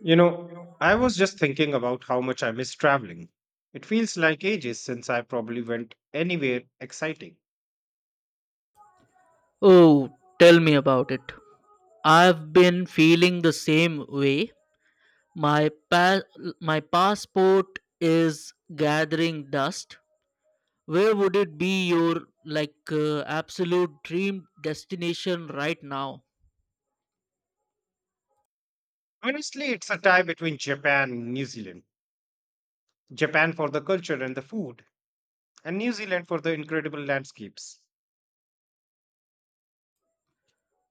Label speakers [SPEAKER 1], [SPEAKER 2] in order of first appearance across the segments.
[SPEAKER 1] You know, I was just thinking about how much I miss traveling. It feels like ages since I probably went anywhere exciting.
[SPEAKER 2] Oh, tell me about it. I've been feeling the same way. My pa- my passport is gathering dust. Where would it be your absolute dream destination right now?
[SPEAKER 1] Honestly, it's a tie between Japan and New Zealand. Japan for the culture and the food, and New Zealand for the incredible landscapes.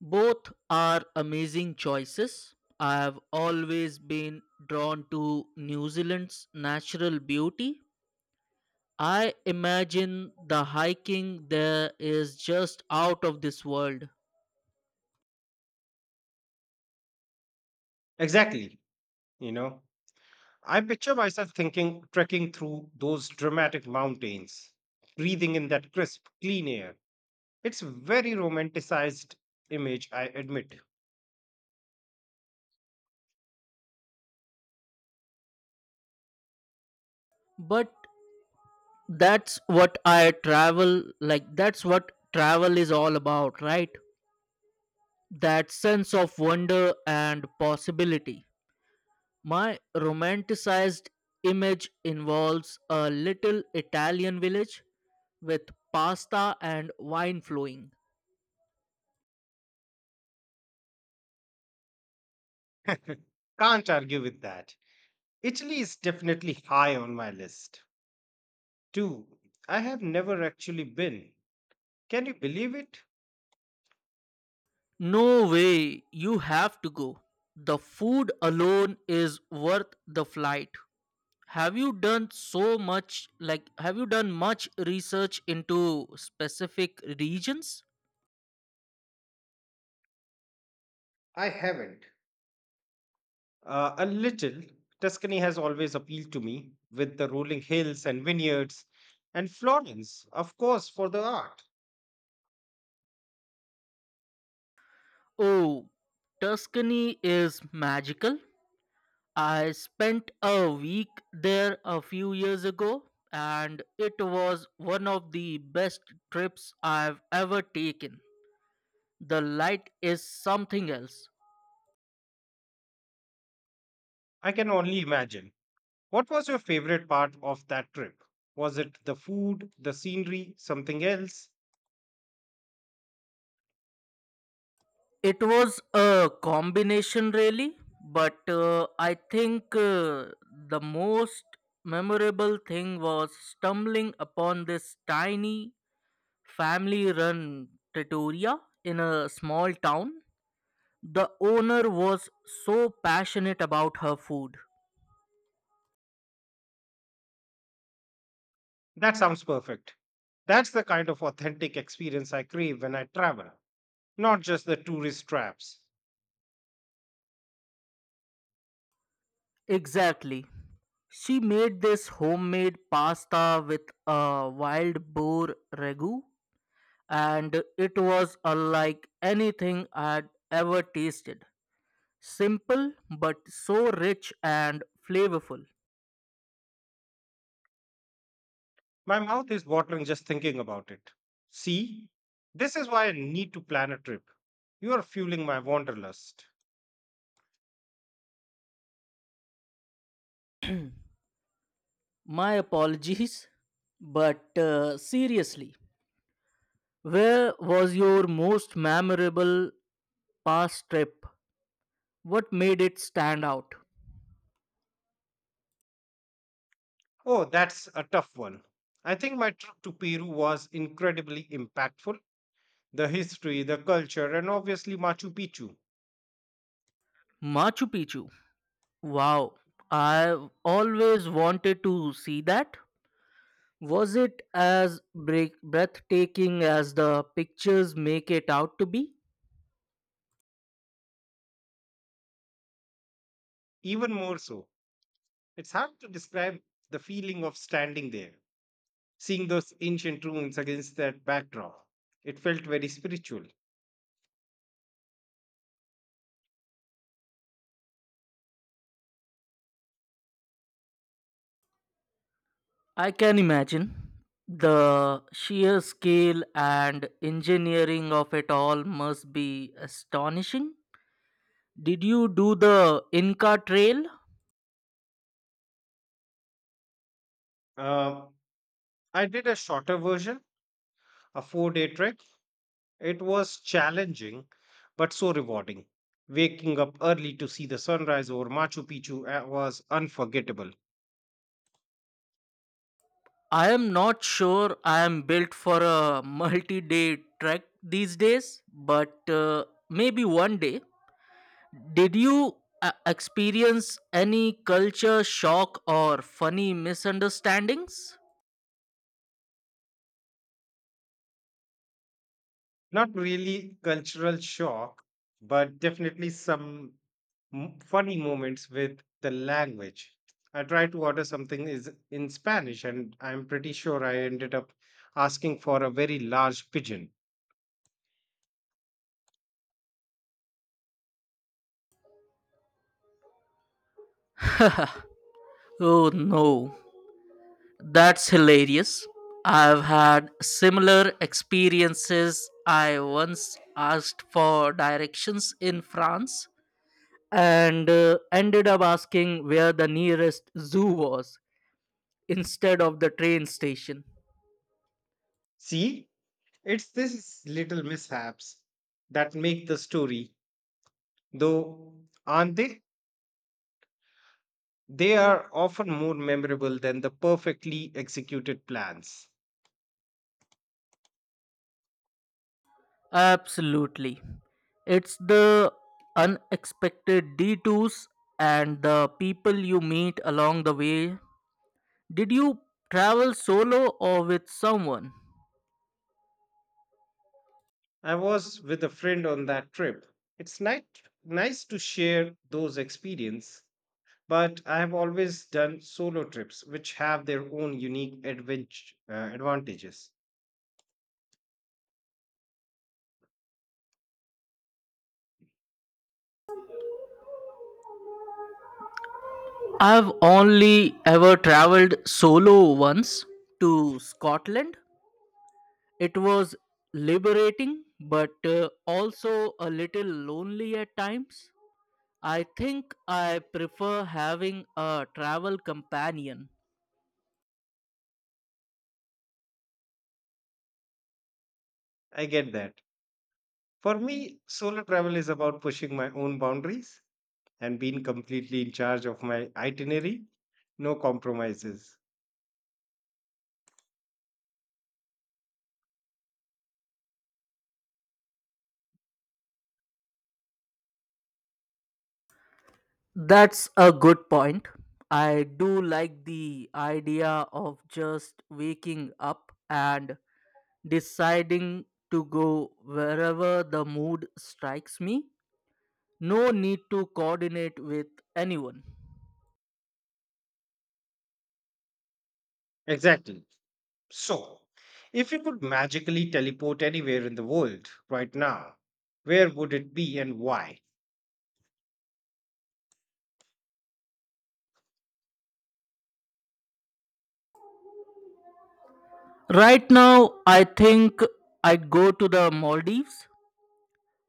[SPEAKER 2] Both are amazing choices. I have always been drawn to New Zealand's natural beauty. I imagine the hiking there is just out of this world.
[SPEAKER 1] Exactly, you know. I picture myself thinking, trekking through those dramatic mountains, breathing in that crisp, clean air. It's a very romanticized image, I admit.
[SPEAKER 2] But that's what travel is all about, right? That sense of wonder and possibility. My romanticized image involves a little Italian village with pasta and wine flowing.
[SPEAKER 1] Can't argue with that. Italy is definitely high on my list, too. I have never actually been. Can you believe it?
[SPEAKER 2] No way, you have to go. The food alone is worth the flight. Have you done so much like have you done much research into specific regions?
[SPEAKER 1] I haven't. A little. Tuscany has always appealed to me, with the rolling hills and vineyards, and Florence, of course, for the art.
[SPEAKER 2] Oh, Tuscany is magical. I spent a week there a few years ago, and it was one of the best trips I've ever taken. The light is something else.
[SPEAKER 1] I can only imagine. What was your favorite part of that trip? Was it the food, the scenery, something else?
[SPEAKER 2] It was a combination, really, but I think, the most memorable thing was stumbling upon this tiny family run trattoria in a small town. The owner was so passionate about her food.
[SPEAKER 1] That sounds perfect. That's the kind of authentic experience I crave when I travel, not just the tourist traps.
[SPEAKER 2] Exactly. She made this homemade pasta with a wild boar ragu, and it was unlike anything I'd ever tasted. Simple but so rich and flavorful.
[SPEAKER 1] My mouth is watering just thinking about it. See, this is why I need to plan a trip. You are fueling my wanderlust.
[SPEAKER 2] My apologies, but seriously, where was your most memorable past trip? What made it stand out?
[SPEAKER 1] Oh, that's a tough one. I think my trip to Peru was incredibly impactful. The history, the culture, and obviously Machu Picchu.
[SPEAKER 2] Machu Picchu. Wow, I've always wanted to see that. Was it as breathtaking as the pictures make it out to be?
[SPEAKER 1] Even more so, it's hard to describe the feeling of standing there, seeing those ancient ruins against that backdrop. It felt very spiritual.
[SPEAKER 2] I can imagine. The sheer scale and engineering of it all must be astonishing. Did you do the Inca Trail?
[SPEAKER 1] Uh, I did a shorter version, a 4 day trek. It was challenging, but so rewarding. Waking up early to see the sunrise over Machu Picchu was unforgettable.
[SPEAKER 2] I am not sure I am built for a multi day trek these days, but maybe one day. Did you experience any culture shock or funny misunderstandings?
[SPEAKER 1] Not really cultural shock, but definitely some funny moments with the language. I tried to order something is in Spanish, and I'm pretty sure I ended up asking for a very large pigeon.
[SPEAKER 2] Oh no, that's hilarious. I've had similar experiences. I once asked for directions in France and ended up asking where the nearest zoo was instead of the train station.
[SPEAKER 1] See, it's these little mishaps that make the story, though, aren't they? They are often more memorable than the perfectly executed plans.
[SPEAKER 2] Absolutely. It's the unexpected detours and the people you meet along the way. Did you travel solo or with someone?
[SPEAKER 1] I was with a friend on that trip. It's nice to share those experiences, but I have always done solo trips, which have their own unique advantages.
[SPEAKER 2] I've only ever traveled solo once, to Scotland. It was liberating but also a little lonely at times. I think I prefer having a travel companion.
[SPEAKER 1] I get that. For me, solo travel is about pushing my own boundaries and being completely in charge of my itinerary, no compromises.
[SPEAKER 2] That's a good point. I do like the idea of just waking up and deciding to go wherever the mood strikes me. No need to coordinate with anyone.
[SPEAKER 1] Exactly. So, if you could magically teleport anywhere in the world right now, where would it be and why?
[SPEAKER 2] Right now, I think I'd go to the Maldives.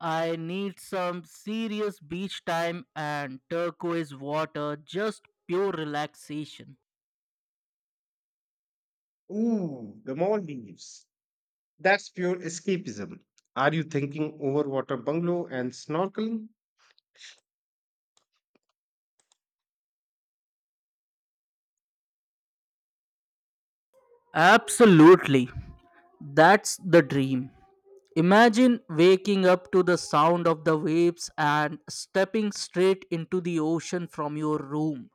[SPEAKER 2] I need some serious beach time and turquoise water, just pure relaxation.
[SPEAKER 1] Ooh, the Maldives. That's pure escapism. Are you thinking overwater bungalow and snorkeling?
[SPEAKER 2] Absolutely. That's the dream. Imagine waking up to the sound of the waves and stepping straight into the ocean from your room.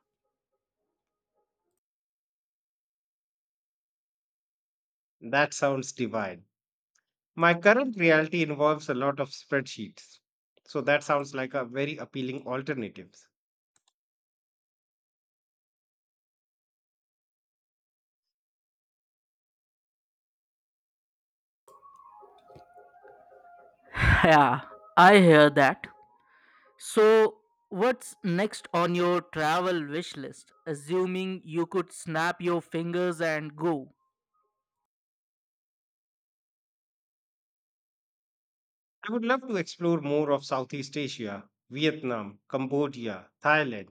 [SPEAKER 1] That sounds divine. My current reality involves a lot of spreadsheets. So that sounds like a very appealing alternative.
[SPEAKER 2] Yeah, I hear that. So, what's next on your travel wish list? Assuming you could snap your fingers and go.
[SPEAKER 1] I would love to explore more of Southeast Asia, Vietnam, Cambodia, Thailand.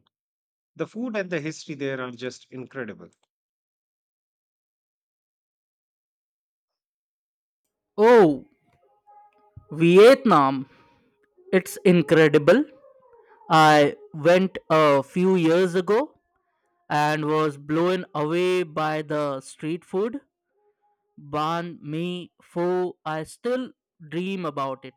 [SPEAKER 1] The food and the history there are just incredible.
[SPEAKER 2] Oh, Vietnam. It's incredible. I went a few years ago and was blown away by the street food. Ban mi pho. I still dream about it.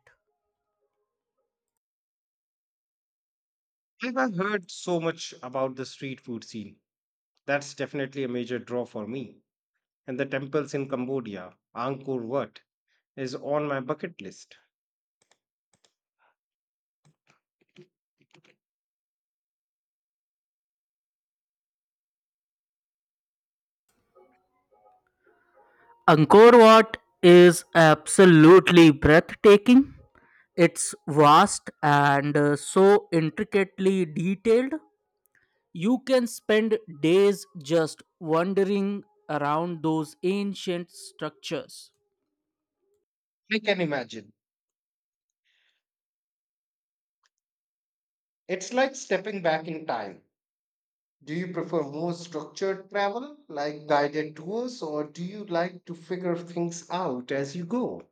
[SPEAKER 1] I've heard so much about the street food scene. That's definitely a major draw for me. And the temples in Cambodia, Angkor Wat, is on my bucket list.
[SPEAKER 2] Angkor Wat is absolutely breathtaking. It's vast and so intricately detailed. You can spend days just wandering around those ancient structures.
[SPEAKER 1] I can imagine. It's like stepping back in time. Do you prefer more structured travel, like guided tours, or do you like to figure things out as you go?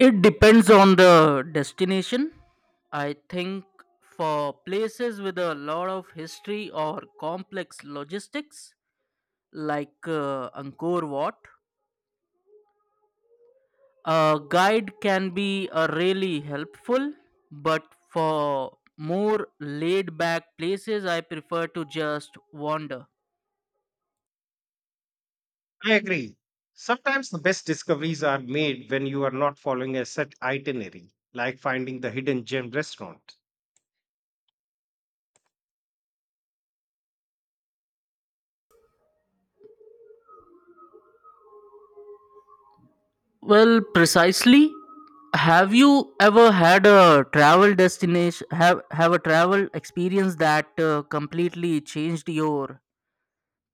[SPEAKER 2] It depends on the destination. I think for places with a lot of history or complex logistics, like Angkor Wat, a guide can be really helpful. But for more laid back places, I prefer to just wander.
[SPEAKER 1] I agree. Sometimes the best discoveries are made when you are not following a set itinerary, like finding the hidden gem restaurant.
[SPEAKER 2] Well, precisely. Have you ever had a travel destination have a travel experience that completely changed your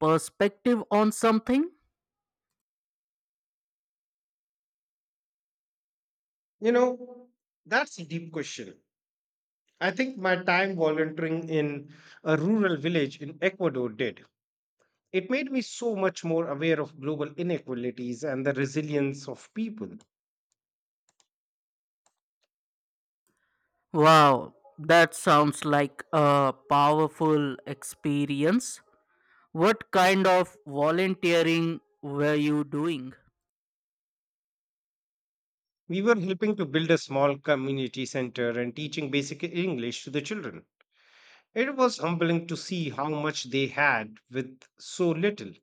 [SPEAKER 2] perspective on something?
[SPEAKER 1] You know, that's a deep question. I think my time volunteering in a rural village in Ecuador did. It made me so much more aware of global inequalities and the resilience of people.
[SPEAKER 2] Wow, that sounds like a powerful experience. What kind of volunteering were you doing?
[SPEAKER 1] We were helping to build a small community center and teaching basic English to the children. It was humbling to see how much they had with so little.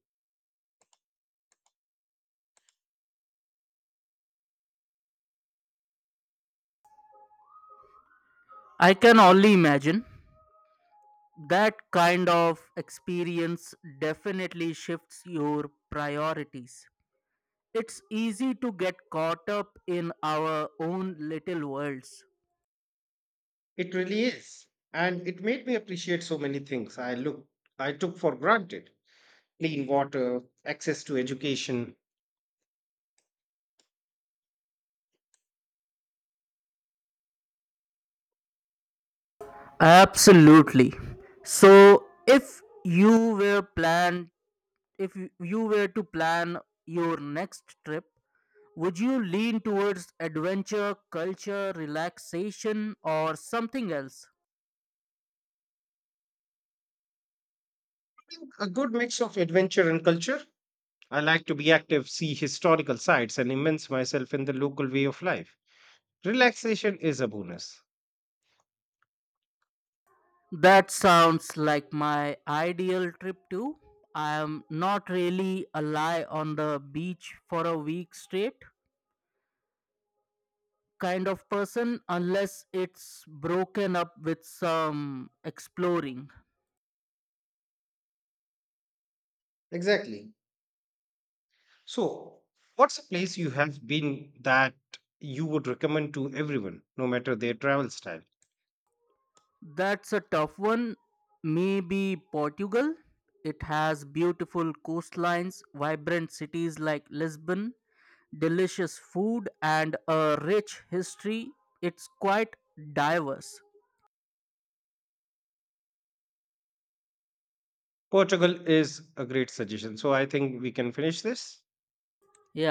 [SPEAKER 2] I can only imagine. That kind of experience definitely shifts your priorities. It's easy to get caught up in our own little worlds.
[SPEAKER 1] It really is. And it made me appreciate so many things I took for granted. Clean water, access to education,
[SPEAKER 2] Absolutely. So, if you were to plan your next trip, would you lean towards adventure, culture, relaxation, or something else?
[SPEAKER 1] a good mix of adventure and culture. I like to be active, see historical sites, and immerse myself in the local way of life. Relaxation is a bonus.
[SPEAKER 2] That sounds like my ideal trip too. I am not really a lie on the beach for a week straight kind of person unless it's broken up with some exploring.
[SPEAKER 1] Exactly. So, what's a place you have been that you would recommend to everyone, no matter their travel style?
[SPEAKER 2] That's a tough one. Maybe Portugal. It has beautiful coastlines, vibrant cities like Lisbon, delicious food, and a rich history. It's quite diverse.
[SPEAKER 1] Portugal is a great suggestion. So I think we can finish this.
[SPEAKER 2] Yeah,